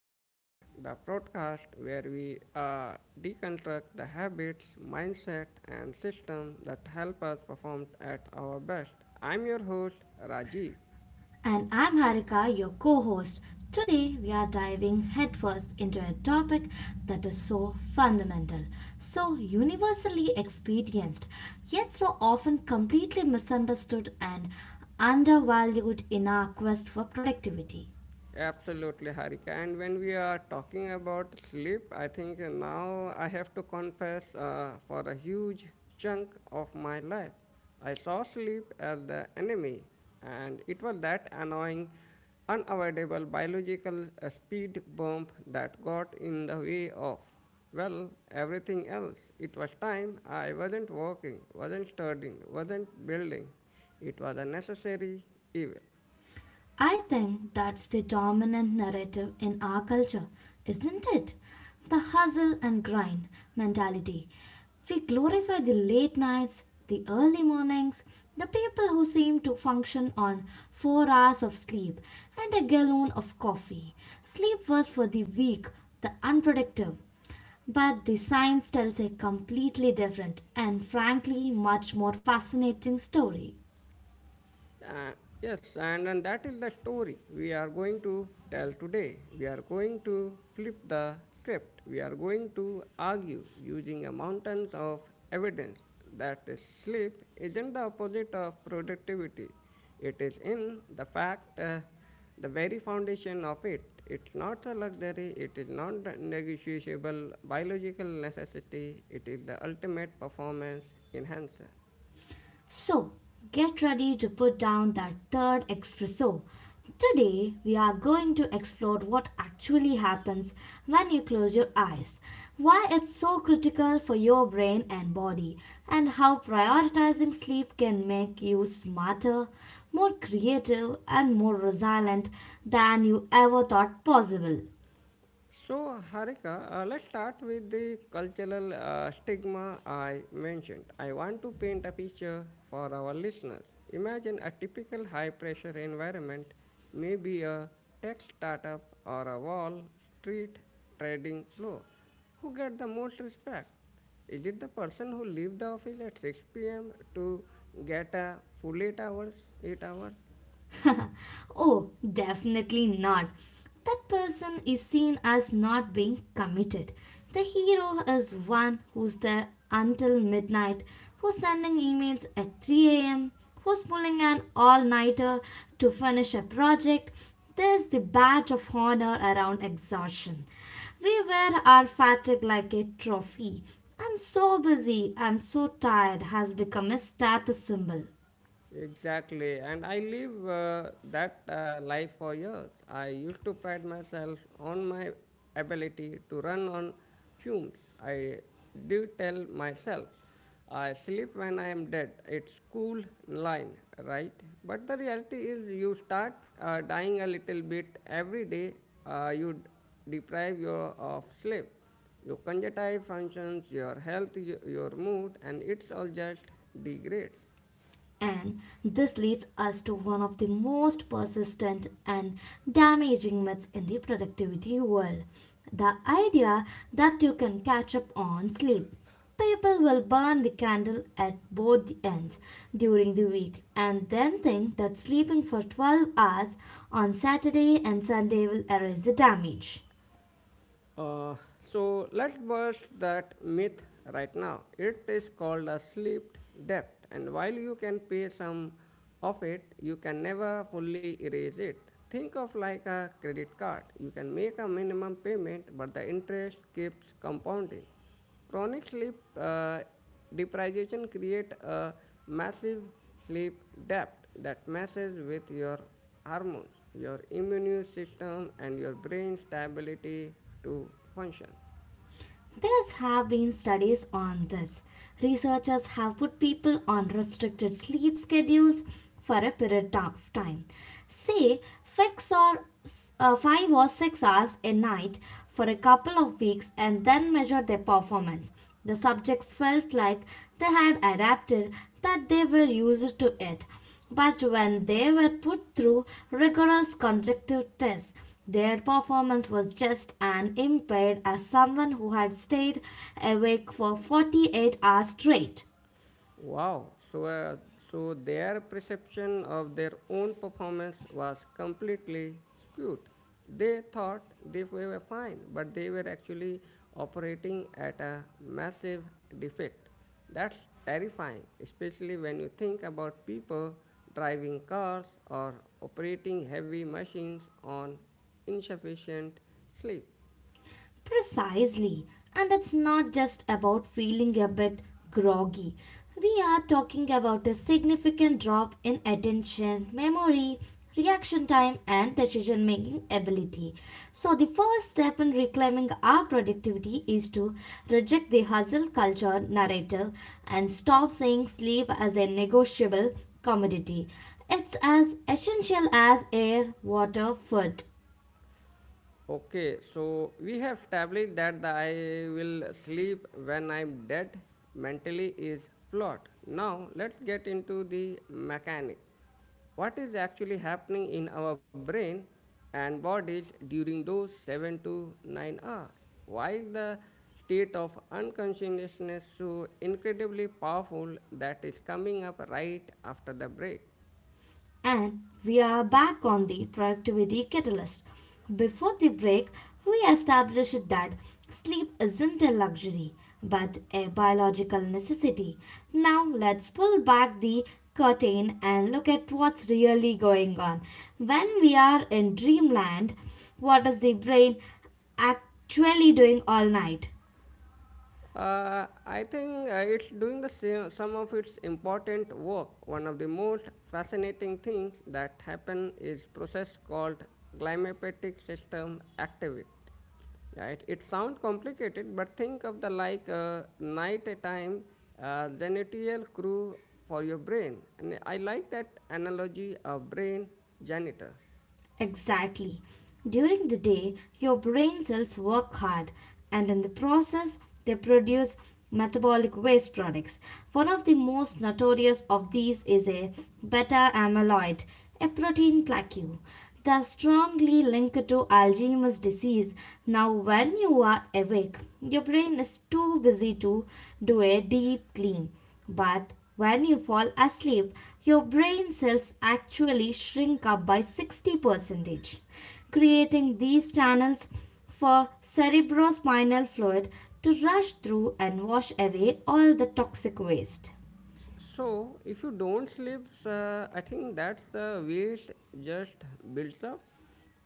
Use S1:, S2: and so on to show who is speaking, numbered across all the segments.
S1: Catalyst, the podcast where we deconstruct the habits, mindset, and system that help us perform at our best. I'm your host, Rajiv.
S2: And I'm Harika, your co host. Today, we are diving headfirst into a topic that is so fundamental, so universally experienced, yet so often completely misunderstood and undervalued in our quest for productivity.
S1: Absolutely, Harika. And when we are talking about sleep, I think now I have to confess for a huge chunk of my life. I saw sleep as the enemy, and it was that annoying, unavoidable biological speed bump that got in the way of, well, everything else. It was time I wasn't working, wasn't studying, wasn't building. It was a necessary evil.
S2: I think that's the dominant narrative in our culture, isn't it? The hustle and grind mentality. We glorify the late nights, the early mornings, the people who seem to function on 4 hours of sleep and a gallon of coffee. Sleep was for the weak, the unproductive. But the science tells a completely different and frankly much more fascinating story.
S1: Uh, yes, and that is the story we are going to tell today. We are going to flip the script. We are going to argue using a mountains of evidence that sleep isn't the opposite of productivity. It is in the fact, the very foundation of it. It's not a luxury, it is not a negotiable biological necessity, it is the ultimate performance enhancer.
S2: So, get ready to put down that third espresso. Today, we are going to explore what actually happens when you close your eyes, why it's so critical for your brain and body, and how prioritizing sleep can make you smarter, more creative, and more resilient than you ever thought possible.
S1: So, Harika, let's start with the cultural stigma I mentioned. I want to paint a picture for our listeners. Imagine a typical high pressure environment, maybe a tech startup or a Wall Street trading floor. Who get the most respect? Is it the person who leaves the office at 6 pm to get a full 8 hours, 8 hours?
S2: Oh, definitely not. That person is seen as not being committed. The hero is one who's there until midnight, who's sending emails at 3 a.m., who's pulling an all nighter to finish a project. There's the badge of honor around exhaustion. We wear our fatigue like a trophy. I'm so busy, I'm so tired has become a status symbol.
S1: Exactly, and I live that life for years. I used to pride myself on my ability to run on fumes. I do tell myself, I sleep when I am dead. It's cool line, right? But the reality is, you start dying a little bit every day. You deprive your of sleep, your cognitive functions, your health, your mood, and it's all just degrades.
S2: And this leads us to one of the most persistent and damaging myths in the productivity world, the idea that you can catch up on sleep. People will burn the candle at both the ends during the week and then think that sleeping for 12 hours on Saturday and Sunday will erase the damage.
S1: Uh, so let's burst that myth right now. It is called a sleep debt, and while you can pay some of it, you can never fully erase it. Think of like a credit card. You can make a minimum payment, but the interest keeps compounding. Chronic sleep deprivation creates a massive sleep debt that messes with your hormones, your immune system, and your brain stability to function.
S2: There have been studies on this. Researchers have put people on restricted sleep schedules for a period of time. Say, fix or 5 or 6 hours a night for a couple of weeks and then measure their performance. The subjects felt like they had adapted, that they were used to it. But when they were put through rigorous conjunctive tests, their performance was just as impaired as someone who had stayed awake for 48 hours straight.
S1: Wow, so their perception of their own performance was completely skewed. They thought they were fine, but they were actually operating at a massive defect. That's terrifying, especially when you think about people driving cars or operating heavy machines on insufficient sleep.
S2: Precisely. And it's not just about feeling a bit groggy. We are talking about a significant drop in attention, memory, reaction time, and decision making ability. So, the first step in reclaiming our productivity is to reject the hustle culture narrative and stop seeing sleep as a negotiable commodity. It's as essential as air, water, food.
S1: Okay, so we have established that the I will sleep when I'm dead mentally is flawed. Now let's get into the mechanic. What is actually happening in our brain and bodies during those 7 to 9 hours? Why is the state of unconsciousness so incredibly powerful that is coming up right after the break?
S2: And we are back on the productivity catalyst. Before the break, we established that sleep isn't a luxury but a biological necessity. Now let's pull back the curtain and look at what's really going on. When we are in dreamland, what is the brain actually doing all night?
S1: I think it's doing the same, some of its important work. One of the most fascinating things that happen is process called glymphatic system activate. Right? It sounds complicated, but think of the like night time genital crew for your brain. And I like that analogy of brain janitor.
S2: Exactly. During the day, your brain cells work hard, and in the process, they produce metabolic waste products. One of the most notorious of these is a beta amyloid, a protein plaque, thus strongly linked to Alzheimer's disease. Now, when you are awake, your brain is too busy to do a deep clean. But when you fall asleep, your brain cells actually shrink up by 60%, creating these channels for cerebrospinal fluid to rush through and wash away all the toxic waste.
S1: So, if you don't sleep, I think that's the waste just builds up.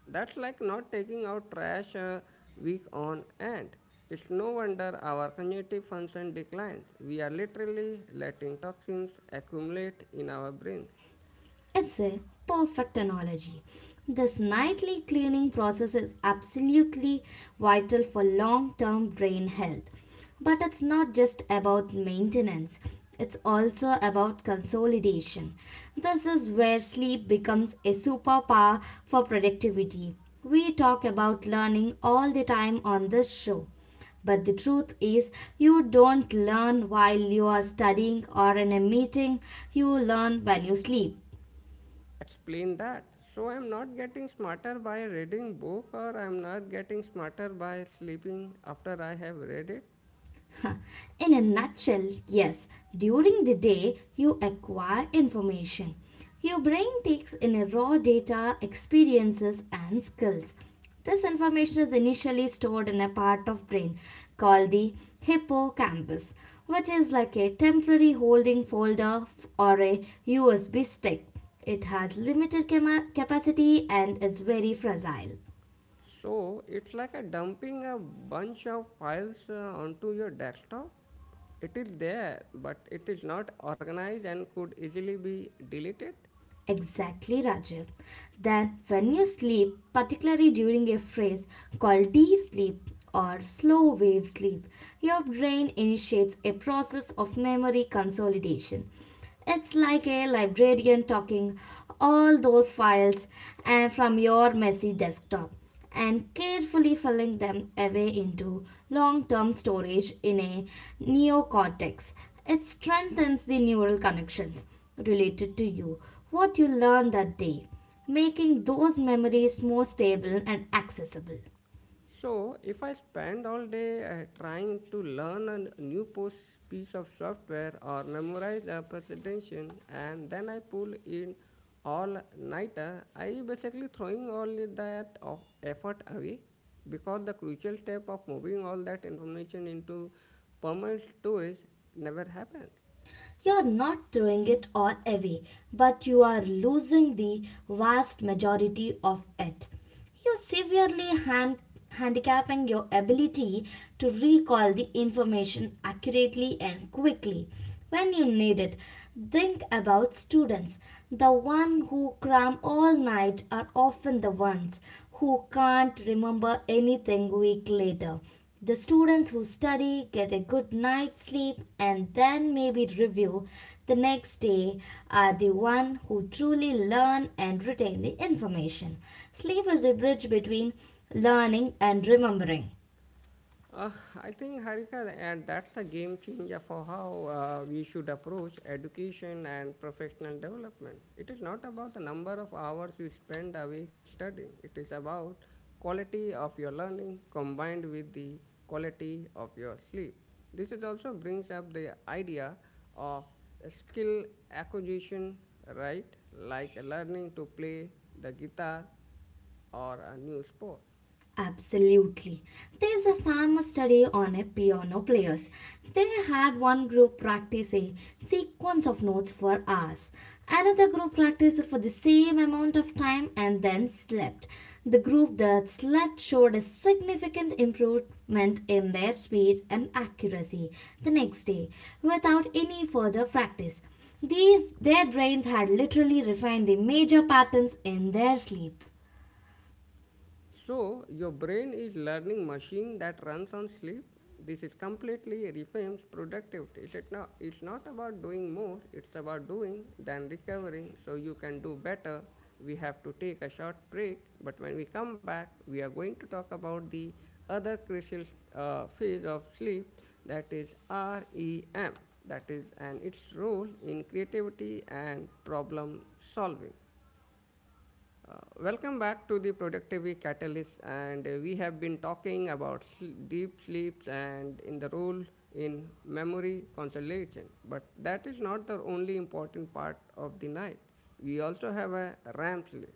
S1: That's like not taking out trash week on end. It's no wonder our cognitive function declines. We are literally letting toxins accumulate in our brains.
S2: It's a perfect analogy. This nightly cleaning process is absolutely vital for long term brain health. But it's not just about maintenance, it's also about consolidation. This is where sleep becomes a superpower for productivity. We talk about learning all the time on this show. But the truth is, you don't learn while you are studying or in a meeting, you learn when you sleep.
S1: Explain that. So I'm not getting smarter by reading book or I'm not getting smarter by sleeping after I have read it.
S2: Huh. In a nutshell, yes, during the day you acquire information. Your brain takes in a raw data, experiences and skills. This information is initially stored in a part of brain called the hippocampus, which is like a temporary holding folder or a USB stick. It has limited capacity and is very fragile.
S1: So it's like a dumping a bunch of files onto your desktop. It is there, but it is not organized and could easily be deleted.
S2: Exactly, Rajiv. Then, when you sleep, particularly during a phase called deep sleep or slow wave sleep, your brain initiates a process of memory consolidation. It's like a librarian talking all those files and from your messy desktop and carefully filling them away into long term storage in a neocortex. It strengthens the neural connections related to you, what you learned that day, making those memories more stable and accessible.
S1: So, if I spend all day trying to learn a new post piece of software or memorize a presentation and then I pull in all nighter, I basically throwing all that of effort away because the crucial step of moving all that information into permanent storage never happens.
S2: You're not throwing it all away, but you are losing the vast majority of it. You're severely handicapping your ability to recall the information accurately and quickly when you need it. Think about students. The ones who cram all night are often the ones who can't remember anything week later. The students who study get a good night's sleep and then maybe review the next day are the one who truly learn and retain the information. Sleep is the bridge between learning and remembering.
S1: Uh, I think, Harika, and that's a game changer for how we should approach education and professional development. It is not about the number of hours you spend away studying. It is about quality of your learning combined with the quality of your sleep. This is also brings up the idea of skill acquisition, right? Like learning to play the guitar or a new sport.
S2: Absolutely. There's a famous study on a piano players. They had one group practice a sequence of notes for hours, another group practiced for the same amount of time and then slept. The group that slept showed a significant improvement in their speed and accuracy the next day without any further practice. These their brains had literally refined the major patterns in their sleep.
S1: So your brain is learning machine that runs on sleep. This is completely reframes productivity. It's not about doing more, it's about doing than recovering so you can do better. We have to take a short break, but when we come back, we are going to talk about the other crucial phase of sleep that is REM, that is, and its role in creativity and problem solving. Uh, Welcome back to the Productivity Catalyst, and we have been talking about deep sleeps and in the role in memory consolidation. But that is not the only important part of the night. We also have a RAM sleep.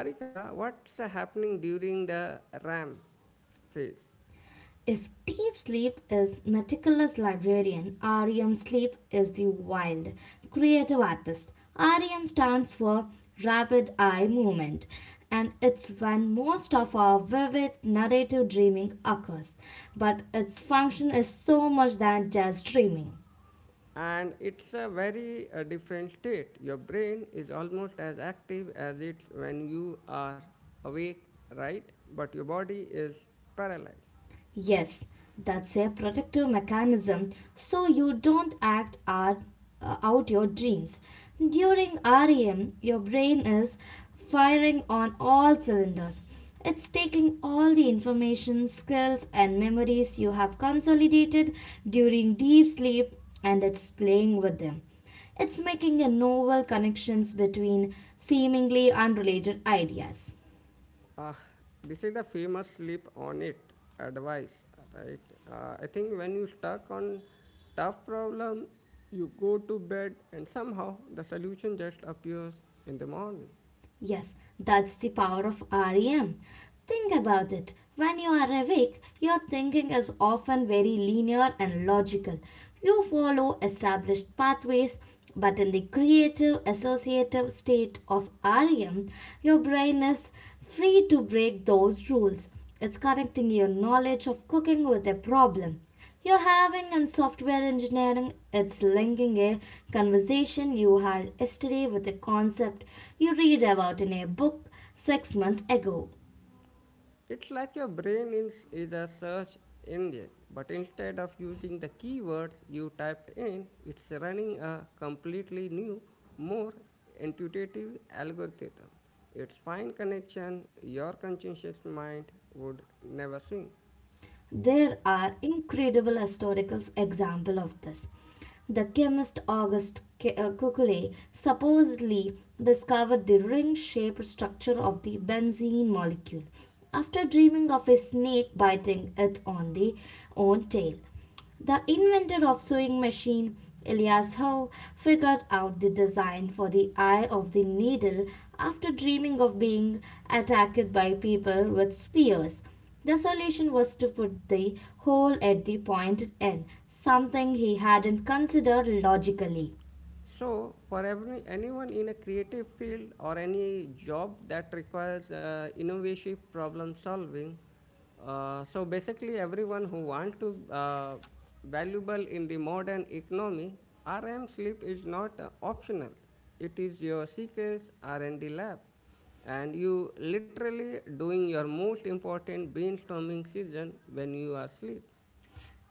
S1: Harika, what's happening during the RAM phase?
S2: If deep sleep is meticulous librarian, REM sleep is the wild, creative artist. REM stands for rapid eye movement, and it's when most of our vivid narrative dreaming occurs. But its function is so much than just dreaming.
S1: And it's a very different state. Your brain is almost as active as it's when you are awake, right? But your body is paralyzed.
S2: Yes, that's a protective mechanism so you don't act out your dreams. During REM, your brain is firing on all cylinders. It's taking all the information, skills, and memories you have consolidated during deep sleep and it's playing with them. It's making a novel connections between seemingly unrelated ideas.
S1: Ah, this is the famous sleep on it advice, right? I think when you stuck on tough problem, you go to bed and somehow the solution just appears in the morning.
S2: Yes, that's the power of REM. Think about it. When you are awake, your thinking is often very linear and logical. You follow established pathways, but in the creative associative state of REM, your brain is free to break those rules. It's connecting your knowledge of cooking with a problem. You're having in software engineering, it's linking a conversation you had yesterday with a concept you read about in a book 6 months ago.
S1: It's like your brain is a search engine, but instead of using the keywords you typed in, it's running a completely new, more intuitive algorithm. Its fine connection your conscious mind would never see.
S2: There are incredible historical examples of this. The chemist Kekulé supposedly discovered the ring-shaped structure of the benzene molecule after dreaming of a snake biting it on the own tail. The inventor of sewing machine, Elias Howe, figured out the design for the eye of the needle after dreaming of being attacked by people with spears. The solution was to put the hole at the pointed end, something he hadn't considered logically.
S1: So, for anyone in a creative field or any job that requires innovative problem solving, so basically everyone who wants to valuable in the modern economy, RM sleep is not optional. It is your CKS R&D lab, and you literally doing your most important brainstorming session when you are asleep.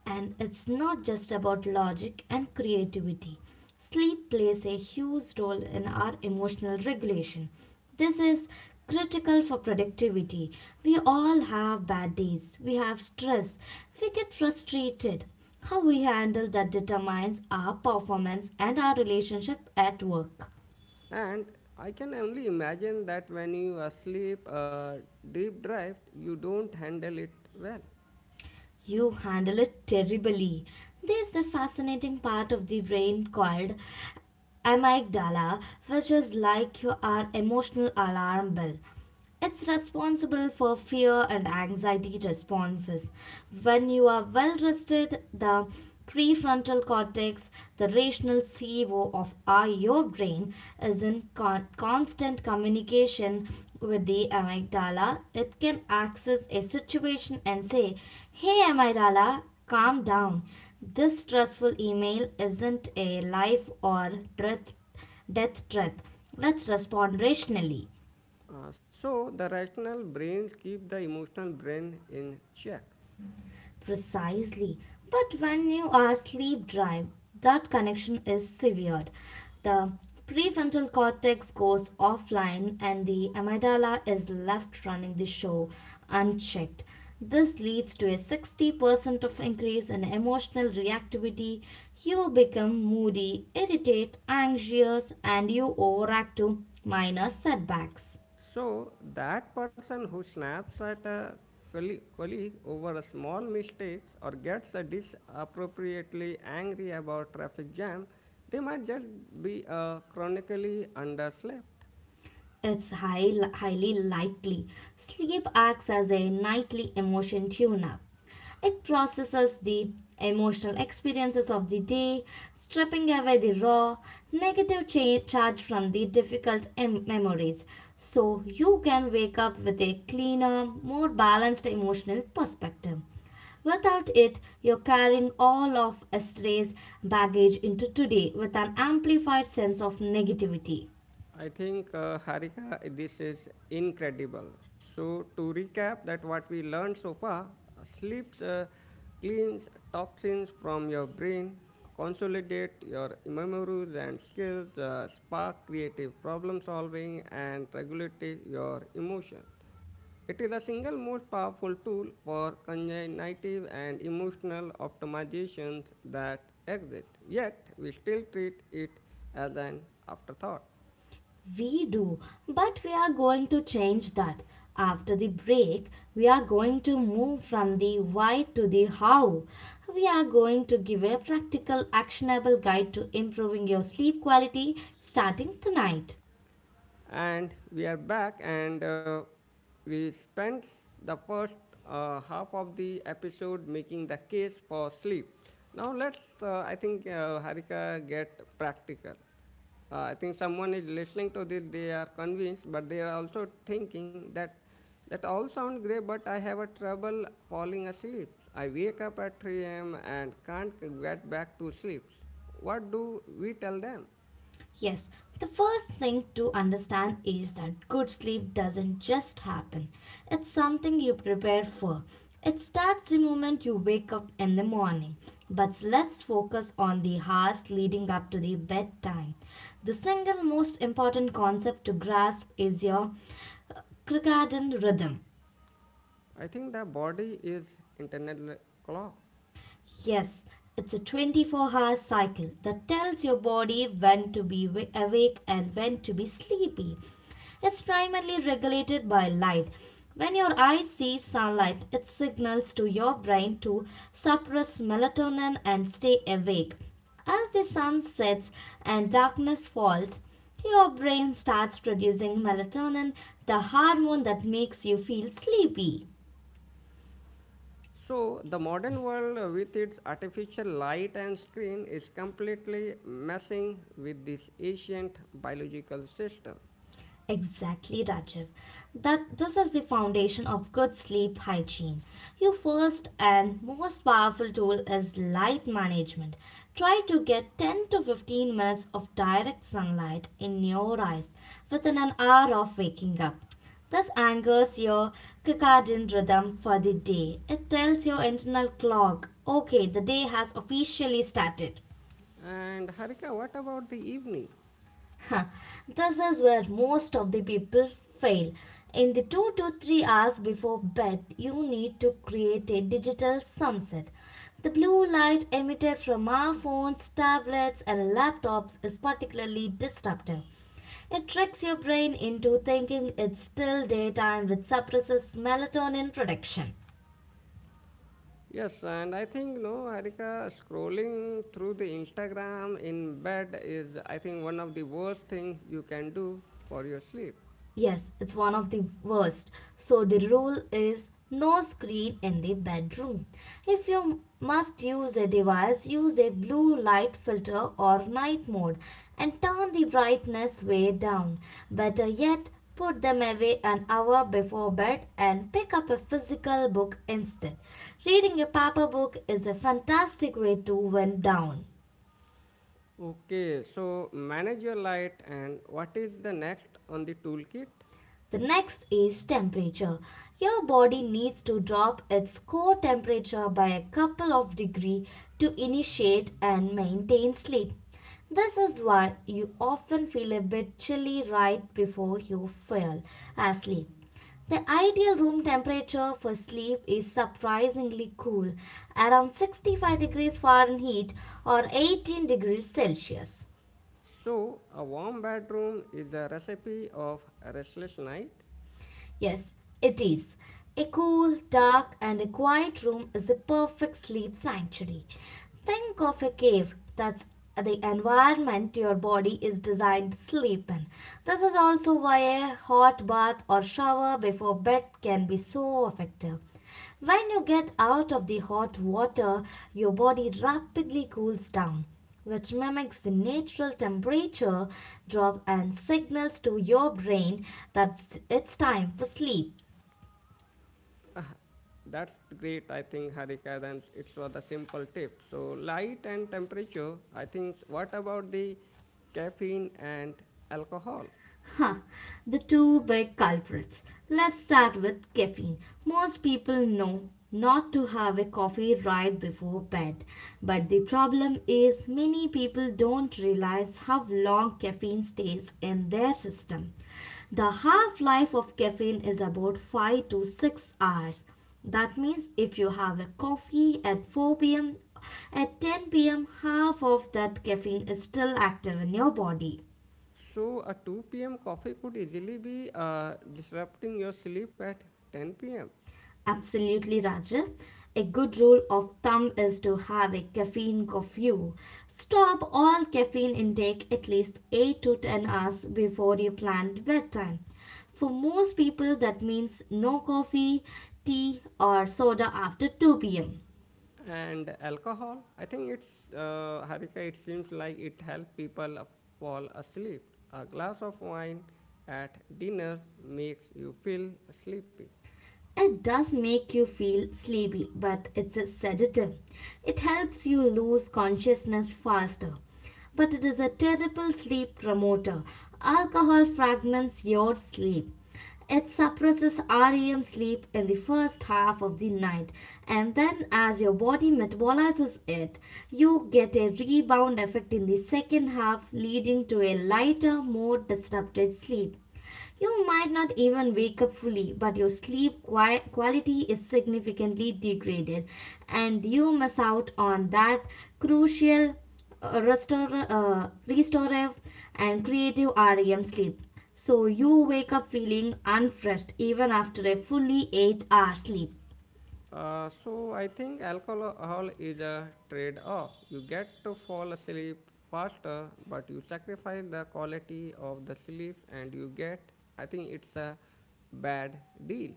S2: And it's not just about logic and creativity. Sleep plays a huge role in our emotional regulation. This is critical for productivity. We all have bad days, we have stress, we get frustrated. How we handle that determines our performance and our relationship at work.
S1: And I can only imagine that when you are asleep or deep drive, you don't handle it well.
S2: You handle it terribly. There's a fascinating part of the brain called amygdala, which is like your our emotional alarm bell. It's responsible for fear and anxiety responses. When you are well rested, the prefrontal cortex, the rational CEO of your brain, is in constant communication with the amygdala. It can access a situation and say, "Hey amygdala, calm down. This stressful email isn't a life or death, death threat. Let's respond rationally."
S1: So the rational brains keep the emotional brain in check.
S2: Precisely. But when you are sleep deprived, that connection is severed. The prefrontal cortex goes offline and the amygdala is left running the show unchecked. This leads to a 60% of increase in emotional reactivity. You become moody, irritated, anxious and you overreact to minor setbacks.
S1: So that person who snaps at a colleague over a small mistakes or gets a disappropriately angry about traffic jam, they might just be chronically underslept.
S2: Highly likely. Sleep acts as a nightly emotion tune up. It processes the emotional experiences of the day, stripping away the raw, negative charge from the difficult memories. So you can wake up with a cleaner, more balanced emotional perspective. Without it, you're carrying all of yesterday's baggage into today with an amplified sense of negativity.
S1: I think, Harika, this is incredible. So, to recap, that what we learned so far, sleep cleans toxins from your brain, consolidate your memories and skills, spark creative problem solving, and regulate your emotion. It is a single most powerful tool for cognitive and emotional optimizations that exist, yet we still treat it as an afterthought.
S2: We do, but we are going to change that. After the break, we are going to move from the why to the how. We are going to give a practical, actionable guide to improving your sleep quality starting tonight.
S1: And we are back and we spent the first half of the episode making the case for sleep now let's I think Harika, get practical I think Someone is listening to this, they are convinced, but they are also thinking that all sounds great, but I have a trouble falling asleep. I wake up at 3 a.m. and can't get back to sleep. What do we tell them?
S2: Yes, the first thing to understand is that good sleep doesn't just happen. It's something you prepare for. It starts the moment you wake up in the morning. But let's focus on the hours leading up to the bedtime. The single most important concept to grasp is your uh, circadian rhythm.
S1: I think the body is internal clock.
S2: Yes, it's a 24-hour cycle that tells your body when to be awake and when to be sleepy. It's primarily regulated by light. When your eyes see sunlight, it signals to your brain to suppress melatonin and stay awake. As the sun sets and darkness falls, your brain starts producing melatonin, the hormone that makes you feel sleepy.
S1: So the modern world with its artificial light and screen is completely messing with this ancient biological system.
S2: Exactly, Rajiv. That this is the foundation of good sleep hygiene. Your first and most powerful tool is light management. Try to get 10 to 15 minutes of direct sunlight in your eyes within an hour of waking up. This angers your circadian rhythm for the day. It tells your internal clock, okay, the day has officially started.
S1: And Harika, what about the evening?
S2: Huh, This is where most of the people fail. In the 2 to 3 hours before bed, you need to create a digital sunset. The blue light emitted from our phones, tablets, and laptops is particularly disruptive. It tricks your brain into thinking it's still daytime, which suppresses melatonin production.
S1: Yes, and I think no, Harika, scrolling through the Instagram in bed is I think one of the worst things you can do for your sleep.
S2: Yes, it's one of the worst. So the rule is no screen in the bedroom. If you must use a device, use a blue light filter or night mode and turn the brightness way down. Better yet, put them away an hour before bed and pick up a physical book instead. Reading a paper book is a fantastic way to wind down.
S1: Okay, so manage your light and what is the next on the toolkit?
S2: The next is temperature. Your body needs to drop its core temperature by a couple of degrees to initiate and maintain sleep. This is why you often feel a bit chilly right before you fall asleep. The ideal room temperature for sleep is surprisingly cool, around 65 degrees Fahrenheit or 18 degrees Celsius.
S1: So, a warm bedroom is the recipe of a restless night.
S2: Yes, it is. A cool, dark, and a quiet room is the perfect sleep sanctuary. Think of a cave that's the environment your body is designed to sleep in. This is also why a hot bath or shower before bed can be so effective. When you get out of the hot water, your body rapidly cools down, which mimics the natural temperature drop and signals to your brain that it's time for sleep.
S1: Ah, that's great, I think, Harika. Then it was the simple tip. So, light and temperature. I think, what about the caffeine and alcohol?
S2: Huh, the two big culprits. Let's start with caffeine. Most people know not to have a coffee right before bed, but the problem is many people don't realize how long caffeine stays in their system. The half life of caffeine is about 5 to 6 hours. That means if you have a coffee at 4 pm, at 10 pm, half of that caffeine is still active in your body.
S1: So, a 2 pm coffee could easily be disrupting your sleep at 10 pm.
S2: Absolutely, Raja. A good rule of thumb is to have a caffeine curfew. Stop all caffeine intake at least 8 to 10 hours before your planned bedtime. For most people, that means no coffee, tea, or soda after 2 pm.
S1: And alcohol, I think it's, Harika, it seems like it helps people fall asleep. A glass of wine at dinners makes you feel sleepy.
S2: It does make you feel sleepy, but it's a sedative. It helps you lose consciousness faster. But it is a terrible sleep promoter. Alcohol fragments your sleep. It suppresses REM sleep in the first half of the night, and then as your body metabolizes it, you get a rebound effect in the second half, leading to a lighter, more disrupted sleep. You might not even wake up fully, but your sleep quality is significantly degraded, and you miss out on that crucial uh, restore, restorative and creative REM sleep. So you wake up feeling unfreshed even after a fully 8-hour sleep.
S1: Uh, so i think alcohol is a trade off. You get to fall asleep faster, but you sacrifice the quality of the sleep, and you get, I think it's a bad deal.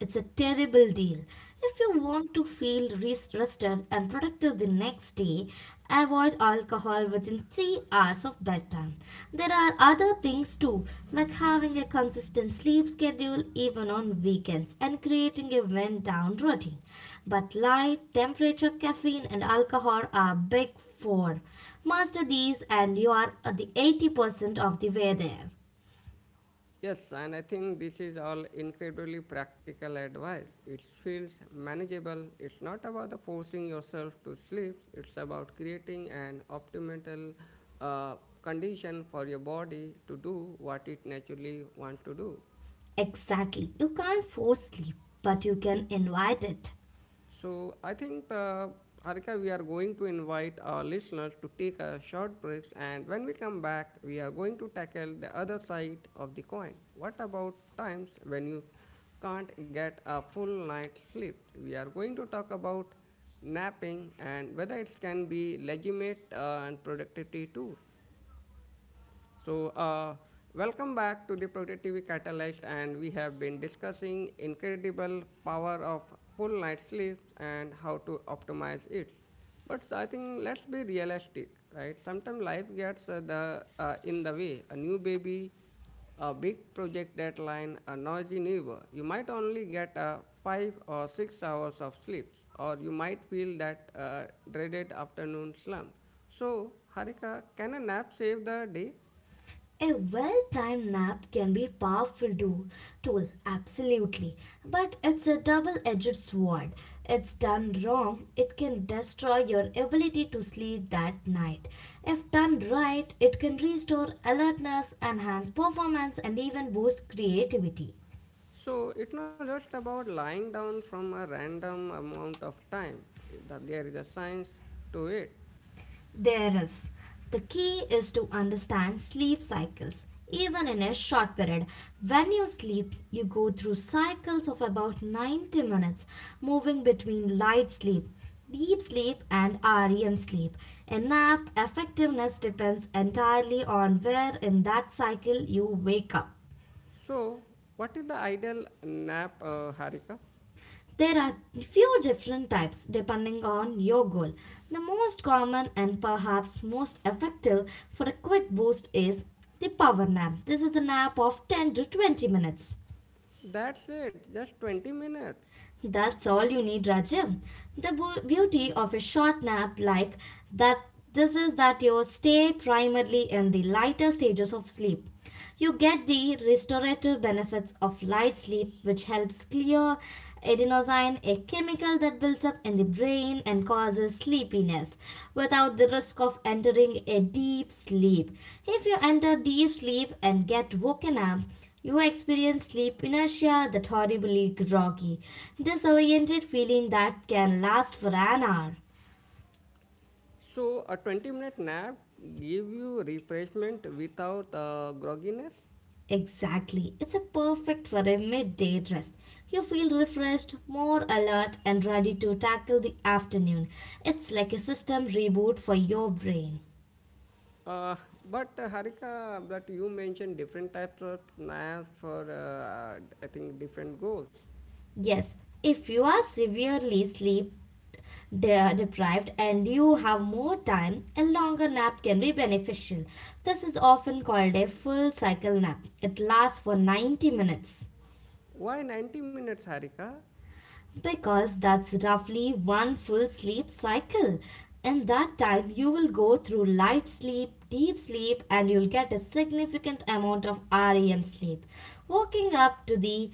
S2: It's a terrible deal. If you want to feel rested and productive the next day, avoid alcohol within 3 hours of bedtime. There are other things too, like having a consistent sleep schedule even on weekends and creating a wind down routine. But light, temperature, caffeine, and alcohol are big four. Master these, and you are at the 80% of the way there.
S1: Yes, and I think this is all incredibly practical advice. It feels manageable. It's not about the forcing yourself to sleep. It's about creating an optimal uh, condition for your body to do what it naturally wants to do.
S2: Exactly. You can't force sleep, but you can invite it.
S1: So I think Harika, we are going to invite our listeners to take a short break, and when we come back, we are going to tackle the other side of the coin. What about times when you can't get a full night's sleep? We are going to talk about napping and whether it can be legitimate and productivity tool. So, welcome back to the Productivity Catalyst, and we have been discussing incredible power of full night sleep and how to optimize it. But I think let's be realistic, right? Sometimes life gets the in the way. A new baby, a big project deadline, a noisy neighbor. You might only get a 5 or 6 hours of sleep, or you might feel that dreaded afternoon slump. So, Harika, can a nap save the day?
S2: A well-timed nap can be a powerful tool, absolutely, but it's a double-edged sword. It's done wrong, it can destroy your ability to sleep that night. If done right, it can restore alertness, enhance performance, and even boost creativity.
S1: So it's not just about lying down from a random amount of time. That there is a science to it.
S2: There is. The key is to understand sleep cycles. Even in a short period, when you sleep, you go through cycles of about 90 minutes, moving between light sleep, deep sleep, and REM sleep. A nap effectiveness depends entirely on where in that cycle you wake up.
S1: So what is the ideal nap, Harika?
S2: There are few different types depending on your goal. The most common and perhaps most effective for a quick boost is the power nap. This is a nap of 10 to 20 minutes.
S1: That's it. Just 20 minutes.
S2: That's all you need, Rajam. The beauty of a short nap like that this is that you stay primarily in the lighter stages of sleep. You get the restorative benefits of light sleep which helps clear adenosine, a chemical that builds up in the brain and causes sleepiness without the risk of entering a deep sleep. If you enter deep sleep and get woken up, you experience sleep inertia, that horribly groggy, disoriented feeling that can last for an hour.
S1: So a 20-minute nap give you refreshment without grogginess.
S2: Exactly, it's a perfect for a midday rest. You feel refreshed, more alert, and ready to tackle the afternoon. It's like a system reboot for your brain.
S1: Uh, but Harika, that you mentioned different types of naps for I think different goals.
S2: Yes, if you are severely sleep deprived and you have more time, a longer nap can be beneficial. This is often called a full cycle nap. It lasts for 90 minutes
S1: Why 90 minutes, Harika?
S2: because that's roughly one full sleep cycle. In that time, you will go through light sleep, deep sleep, and you'll get a significant amount of REM sleep. Waking up to the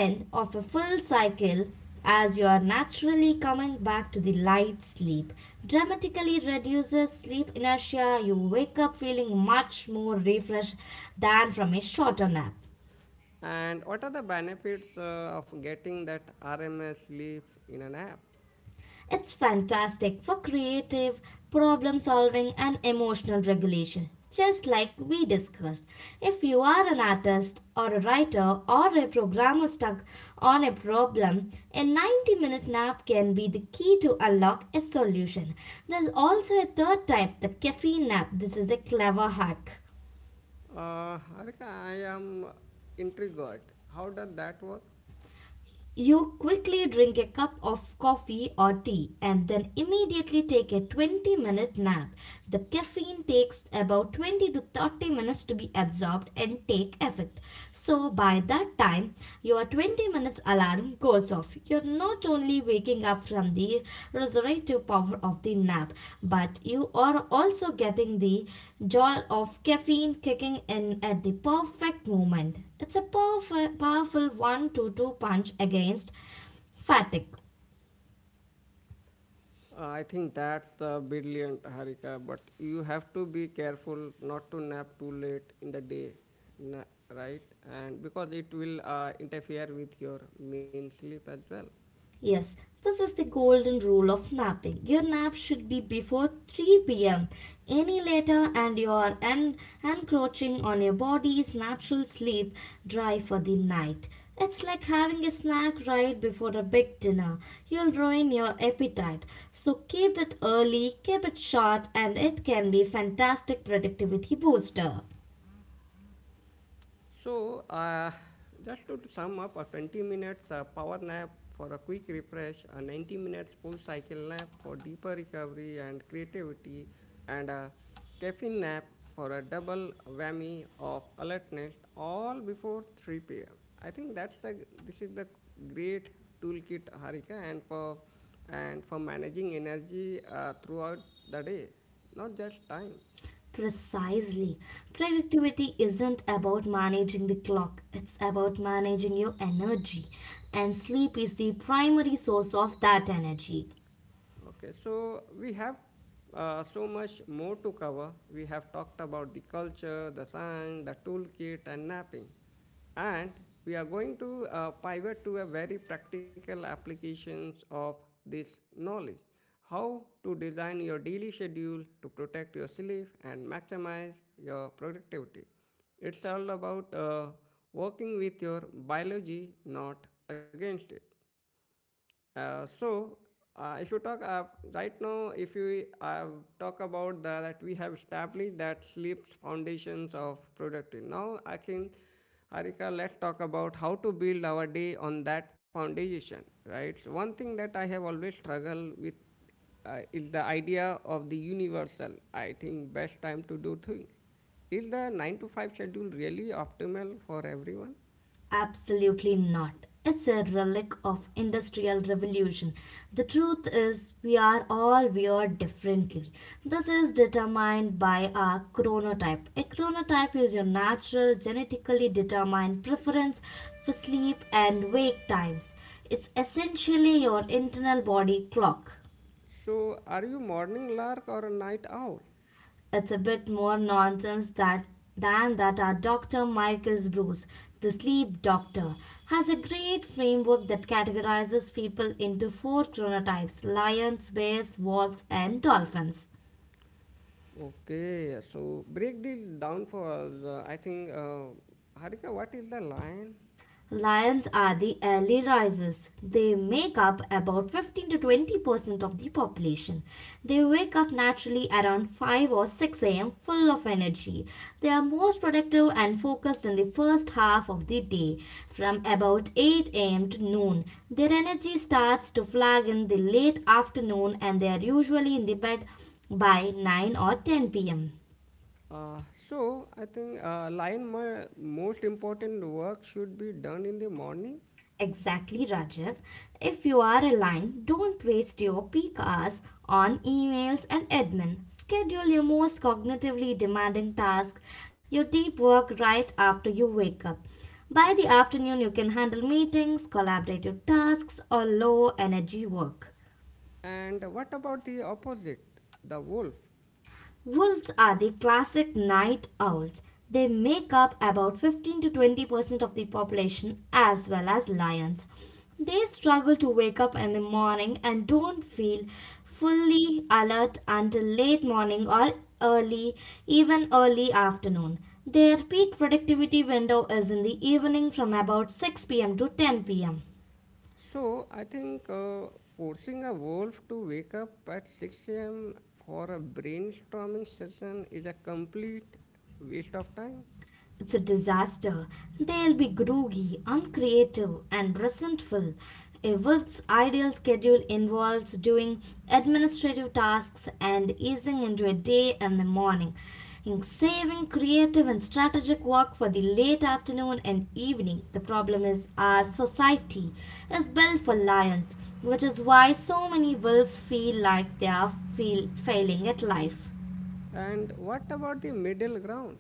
S2: end of a full cycle as you are naturally coming back to the light sleep dramatically reduces sleep inertia. You wake up feeling much more refreshed than from a shorter nap.
S1: And what are the benefits of getting that RMS leaf in an app?
S2: It's fantastic for creative, problem solving, and emotional regulation. Just like we discussed, if you are an artist or a writer or a programmer stuck on a problem, a 90-minute nap can be the key to unlock a solution. There's also a third type, the caffeine nap. This is a clever hack.
S1: Harika, I am intrigued. How does that work?
S2: You quickly drink a cup of coffee or tea and then immediately take a 20-minute nap. The caffeine takes about 20 to 30 minutes to be absorbed and take effect. So by that time, your 20 minutes alarm goes off. You're not only waking up from the restorative power of the nap, but you are also getting the joy of caffeine kicking in at the perfect moment. It's a powerful, powerful 1-2-2 punch against fatigue.
S1: I think that's brilliant, Harika, but you have to be careful not to nap too late in the day, na- right? And because it will interfere with your main sleep as well.
S2: Yes, this is the golden rule of napping. Your nap should be before 3 pm. Any later, and you are encroaching on your body's natural sleep drive for the night. It's like having a snack right before a big dinner. You'll ruin your appetite. So keep it early, keep it short, and it can be fantastic productivity booster.
S1: So, just to sum up, a 20 minutes power nap for a quick refresh, a 90 minutes full cycle nap for deeper recovery and creativity, and a caffeine nap for a double whammy of alertness, all before 3 p.m. I think that's the this is the great toolkit, Harika, and for managing energy throughout the day, not just time.
S2: Precisely. Productivity isn't about managing the clock, it's about managing your energy. And sleep is the primary source of that energy.
S1: Okay, so we have so much more to cover. We have talked about the culture, the song, the toolkit, and napping. And we are going to pivot to a very practical applications of this knowledge. How to design your daily schedule to protect your sleep and maximize your productivity. It's all about working with your biology, not against it. So, if you talk right now, if you talk about the, that we have established that sleep foundations of productivity. Now, Harika, let's talk about how to build our day on that foundation, right? So one thing that I have always struggled with is the idea of the universal, I think, best time to do things. Is the 9 to 5 schedule really optimal for everyone?
S2: Absolutely not. It's a relic of industrial revolution. The truth is we are all wired differently. This is determined by our chronotype. A chronotype is your natural genetically determined preference for sleep and wake times. It's essentially your internal body clock.
S1: So, are you morning lark or a night owl?
S2: It's a bit more nonsense that than that our Dr. Michael Bruce, the sleep doctor, has a great framework that categorizes people into four chronotypes lions, bears, wolves, and dolphins.
S1: Okay, so break this down for us. Harika, what is the lion?
S2: Lions are the early risers. They make up about 15 to 20% of the population. They wake up naturally around 5 or 6 am full of energy. They are most productive and focused in the first half of the day. From about 8 am to noon, their energy starts to flag in the late afternoon and they are usually in the bed by 9 or 10 pm.
S1: Uh, so I think lion most important work should be done in the morning.
S2: Exactly, Rajiv. If you are aligned, don't waste your peak hours on emails and admin. Schedule your most cognitively demanding task, your deep work, right after you wake up. By the afternoon, you can handle meetings, collaborative tasks, or low energy work.
S1: And what about the opposite, the wolf?
S2: Wolves are the classic night owls. They make up about 15 to 20% of the population, as well as lions. They struggle to wake up in the morning and don't feel fully alert until late morning or early, even early afternoon. Their peak productivity window is in the evening from about 6 pm to 10 pm.
S1: So I think forcing a wolf to wake up at 6 a.m. for a brainstorming session is a complete waste of time.
S2: It's a disaster. They'll be groggy, uncreative, and resentful. A wolf's ideal schedule involves doing administrative tasks and easing into a day in the morning, in saving creative and strategic work for the late afternoon and evening. The problem is our society is built for lions, which is why so many wolves feel like they are feel failing at life.
S1: And what about the middle ground?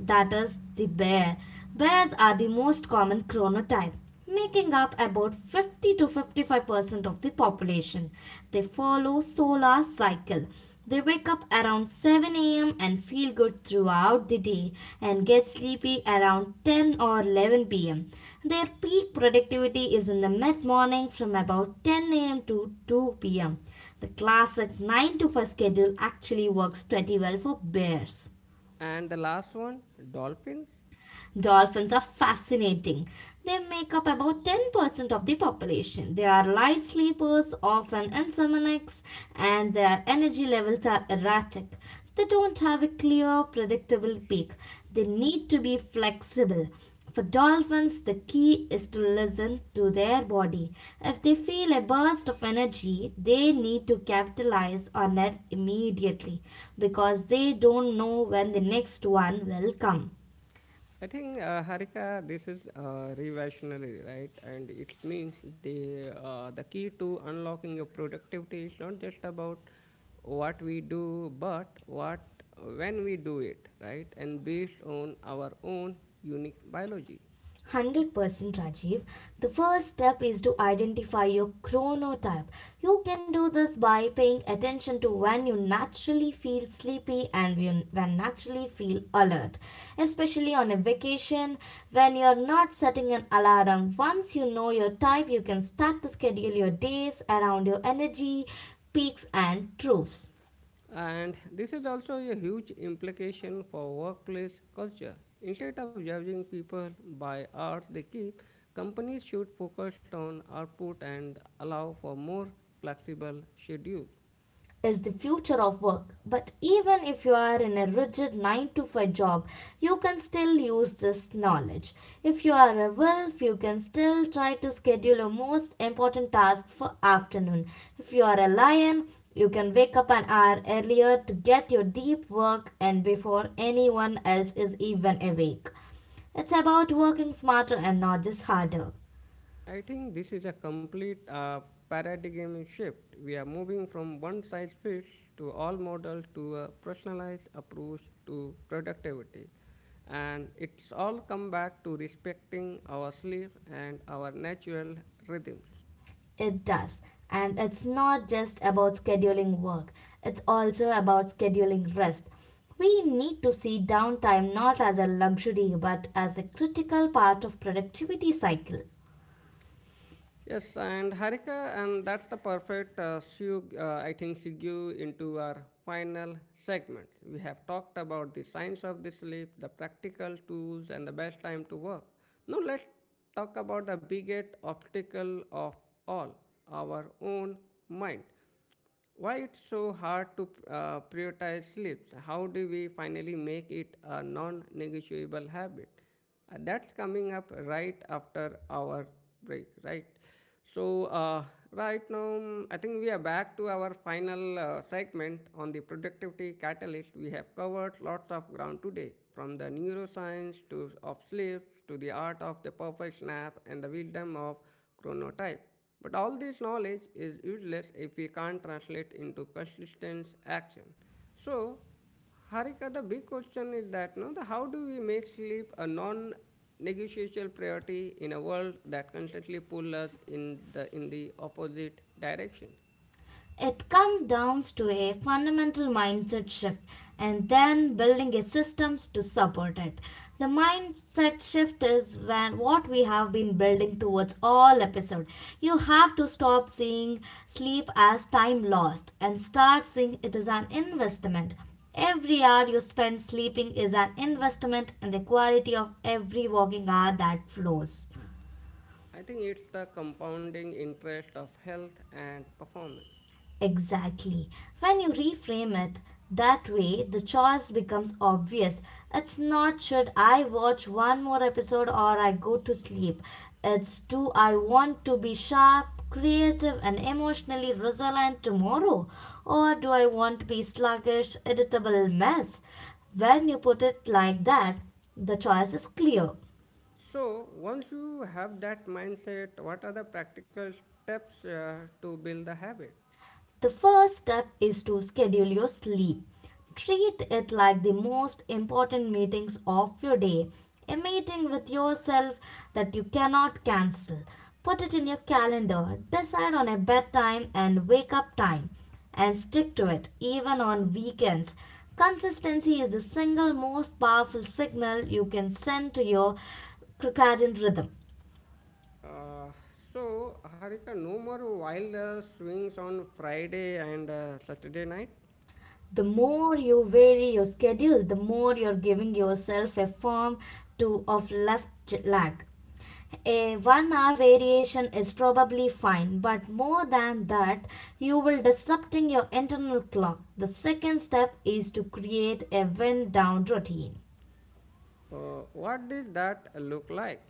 S2: That is the bear. Bears are the most common chronotype, making up about 50 to 55% of the population. They follow solar cycle. They wake up around 7 a.m. and feel good throughout the day and get sleepy around 10 or 11 p.m. Their peak productivity is in the mid morning from about 10 a.m. to 2 p.m. The classic 9 to 5 schedule actually works pretty well for bears.
S1: And the last one, dolphins.
S2: Dolphins are fascinating. They make up about 10% of the population. They are light sleepers, often insomniacs, and their energy levels are erratic. They don't have a clear, predictable peak. They need to be flexible. For dolphins, the key is to listen to their body. If they feel a burst of energy, they need to capitalize on it immediately because they don't know when the next one will come.
S1: I think Harika, this is revolutionary, right? And it means the key to unlocking your productivity is not just about what we do, but what when we do it, right? And based on our own unique biology.
S2: 100% Rajiv. The first step is to identify your chronotype. You can do this by paying attention to when you naturally feel sleepy and when naturally feel alert, especially on a vacation when you're not setting an alarm. Once you know your type, you can start to schedule your days around your energy, peaks, and troughs.
S1: And this is also a huge implication for workplace culture. Instead of judging people by art they keep, companies should focus on output and allow for more flexible schedules.
S2: Is the future of work. But even if you are in a rigid 9 to 5 job, you can still use this knowledge. If you are a wolf, you can still try to schedule your most important tasks for afternoon. If you are a lion, you can wake up an hour earlier to get your deep work and before anyone else is even awake. It's about working smarter and not just harder.
S1: I think this is a complete paradigm shift. We are moving from one size fits to all model to a personalized approach to productivity. And it's all come back to respecting our sleep and our natural rhythms.
S2: It does. And it's not just about scheduling work, it's also about scheduling rest. We need to see downtime not as a luxury but as a critical part of productivity cycle.
S1: Yes, and Harika, and that's the perfect seg- I think segue into our final segment. We have talked about the science of the sleep, the practical tools, and the best time to work. Now let's talk about the biggest obstacle of all, our own mind. Why it's so hard to prioritize sleep? How do we finally make it a non-negotiable habit? That's coming up right after our break, right? So uh, I think we are back to our final segment on the productivity catalyst. We have covered lots of ground today, from the neuroscience to of sleep to the art of the perfect nap and the wisdom of chronotype. But all this knowledge is useless if we can't translate into consistent action. So, Harika, the big question is that no, the, how do we make sleep a non-negotiable priority in a world that constantly pulls us in the opposite direction?
S2: It comes down to a fundamental mindset shift and then building a systems to support it. The mindset shift is when what we have been building towards all episode. You have to stop seeing sleep as time lost and start seeing it as an investment. Every hour you spend sleeping is an investment in the quality of every waking hour that flows.
S1: I think it's the compounding interest of health and performance.
S2: Exactly. When you reframe it that way, the choice becomes obvious. It's not should I watch one more episode or I go to sleep. It's do I want to be sharp, creative, and emotionally resilient tomorrow? Or do I want to be sluggish, irritable mess? When you put it like that, the choice is clear.
S1: So, once you have that mindset, what are the practical steps to build the habit?
S2: The first step is to schedule your sleep. Treat it like the most important meetings of your day, a meeting with yourself that you cannot cancel. Put it in your calendar, decide on a bedtime and wake up time, and stick to it even on weekends. Consistency is the single most powerful signal you can send to your circadian rhythm.
S1: Uh, so, Harika, no more wild swings on Friday and Saturday night.
S2: The more you vary your schedule, the more you're giving yourself a form to of left lag. A 1 hour variation is probably fine, but more than that, you will disrupting your internal clock. The second step is to create a wind down routine.
S1: What did that look like?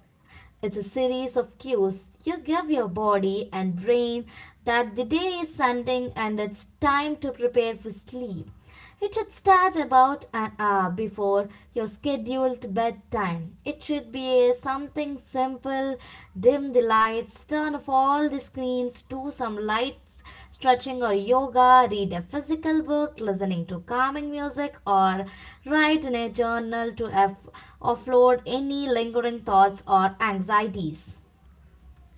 S2: It's a series of cues you give your body and brain that the day is ending and it's time to prepare for sleep. It should start about an hour before your scheduled bedtime. It should be something simple. Dim the lights, turn off all the screens, do some lights stretching or yoga, read a physical book, listening to calming music, or write in a journal to offload any lingering thoughts or anxieties.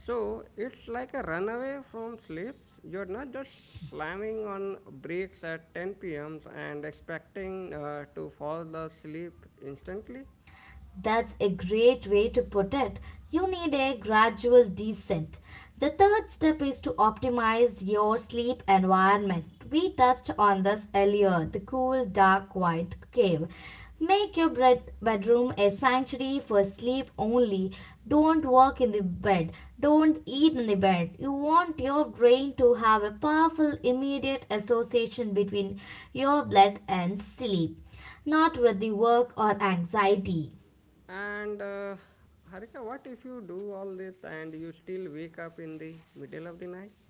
S1: So, it's like a runaway from sleep. You're not just slamming on brakes at 10 p.m. and expecting to fall asleep instantly.
S2: That's a great way to put it. You need a gradual descent. The third step is to optimize your sleep environment. We touched on this earlier the cool, dark, quiet cave. Make your bedroom a sanctuary for sleep only. Don't work in the bed. Don't eat in the bed. You want your brain to have a powerful, immediate association between your bed and sleep, not with the work or anxiety.
S1: And, Harika, what if you do all this and you still wake up in the middle of the night?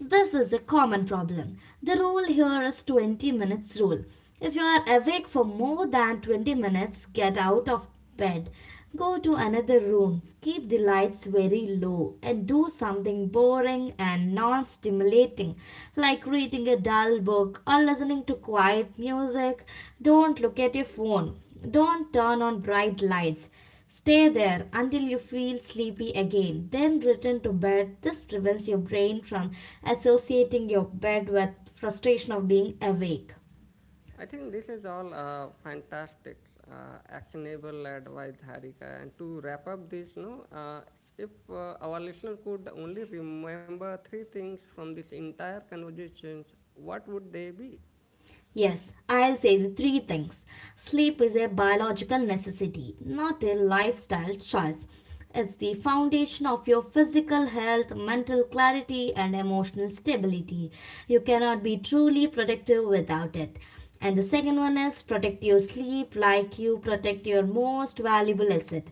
S2: This is a common problem. The rule here is 20 minutes rule. If you are awake for more than 20 minutes, get out of bed. Go to another room. Keep the lights very low and do something boring and non-stimulating like reading a dull book or listening to quiet music. Don't look at your phone. Don't turn on bright lights. Stay there until you feel sleepy again, then return to bed. This prevents your brain from associating your bed with frustration of being awake.
S1: I think this is all fantastic, actionable advice, Harika. And to wrap up this, no, if our listener could only remember 3 things from this entire conversations, what would they be?
S2: Yes, I'll say the three things. Sleep is a biological necessity, not a lifestyle choice. It's the foundation of your physical health, mental clarity, and emotional stability. You cannot be truly productive without it. And the second one is protect your sleep like you protect your most valuable asset.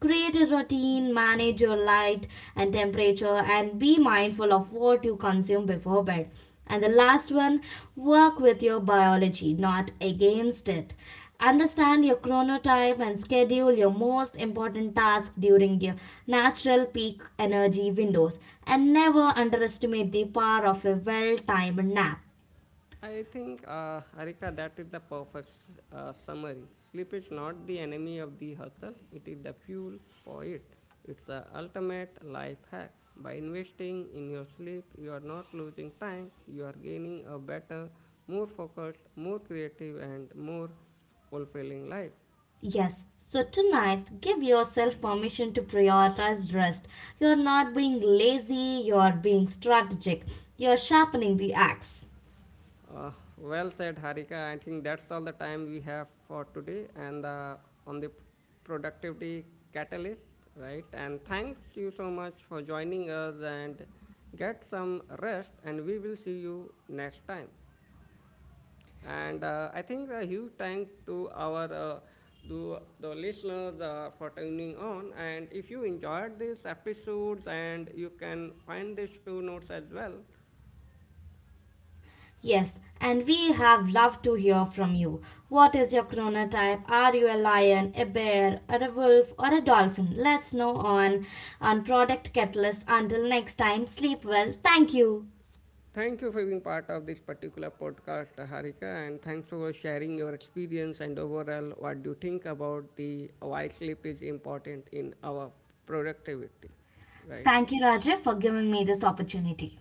S2: Create a routine, manage your light and temperature, and be mindful of what you consume before bed. And the last one, work with your biology, not against it. Understand your chronotype and schedule your most important tasks during your natural peak energy windows. And never underestimate the power of a well timed nap.
S1: I think, Harika, that is the perfect summary. Sleep is not the enemy of the hustle, it is the fuel for it. It's the ultimate life hack. By investing in your sleep, you are not losing time, you are gaining a better, more focused, more creative, and more fulfilling life.
S2: Yes, so tonight give yourself permission to prioritize rest. You're not being lazy, you're being strategic, you're sharpening the axe.
S1: Uh, well said, Harika. I think that's all the time we have for today, and on the productivity catalyst, right? And thank you so much for joining us and get some rest, and we will see you next time. And I think a huge thank to our to the listeners for tuning on. And if you enjoyed these episodes, and you can find the show notes as well.
S2: Yes, and we have loved to hear from you. What is your chronotype? Are you a lion, a bear, or a wolf, or a dolphin? Let's know on Product Catalyst. Until next time, sleep well. Thank you.
S1: Thank you for being part of this particular podcast, Harika, and thanks for sharing your experience and overall what you think about the why sleep is important in our productivity, right?
S2: Thank you, Raja, for giving me this opportunity.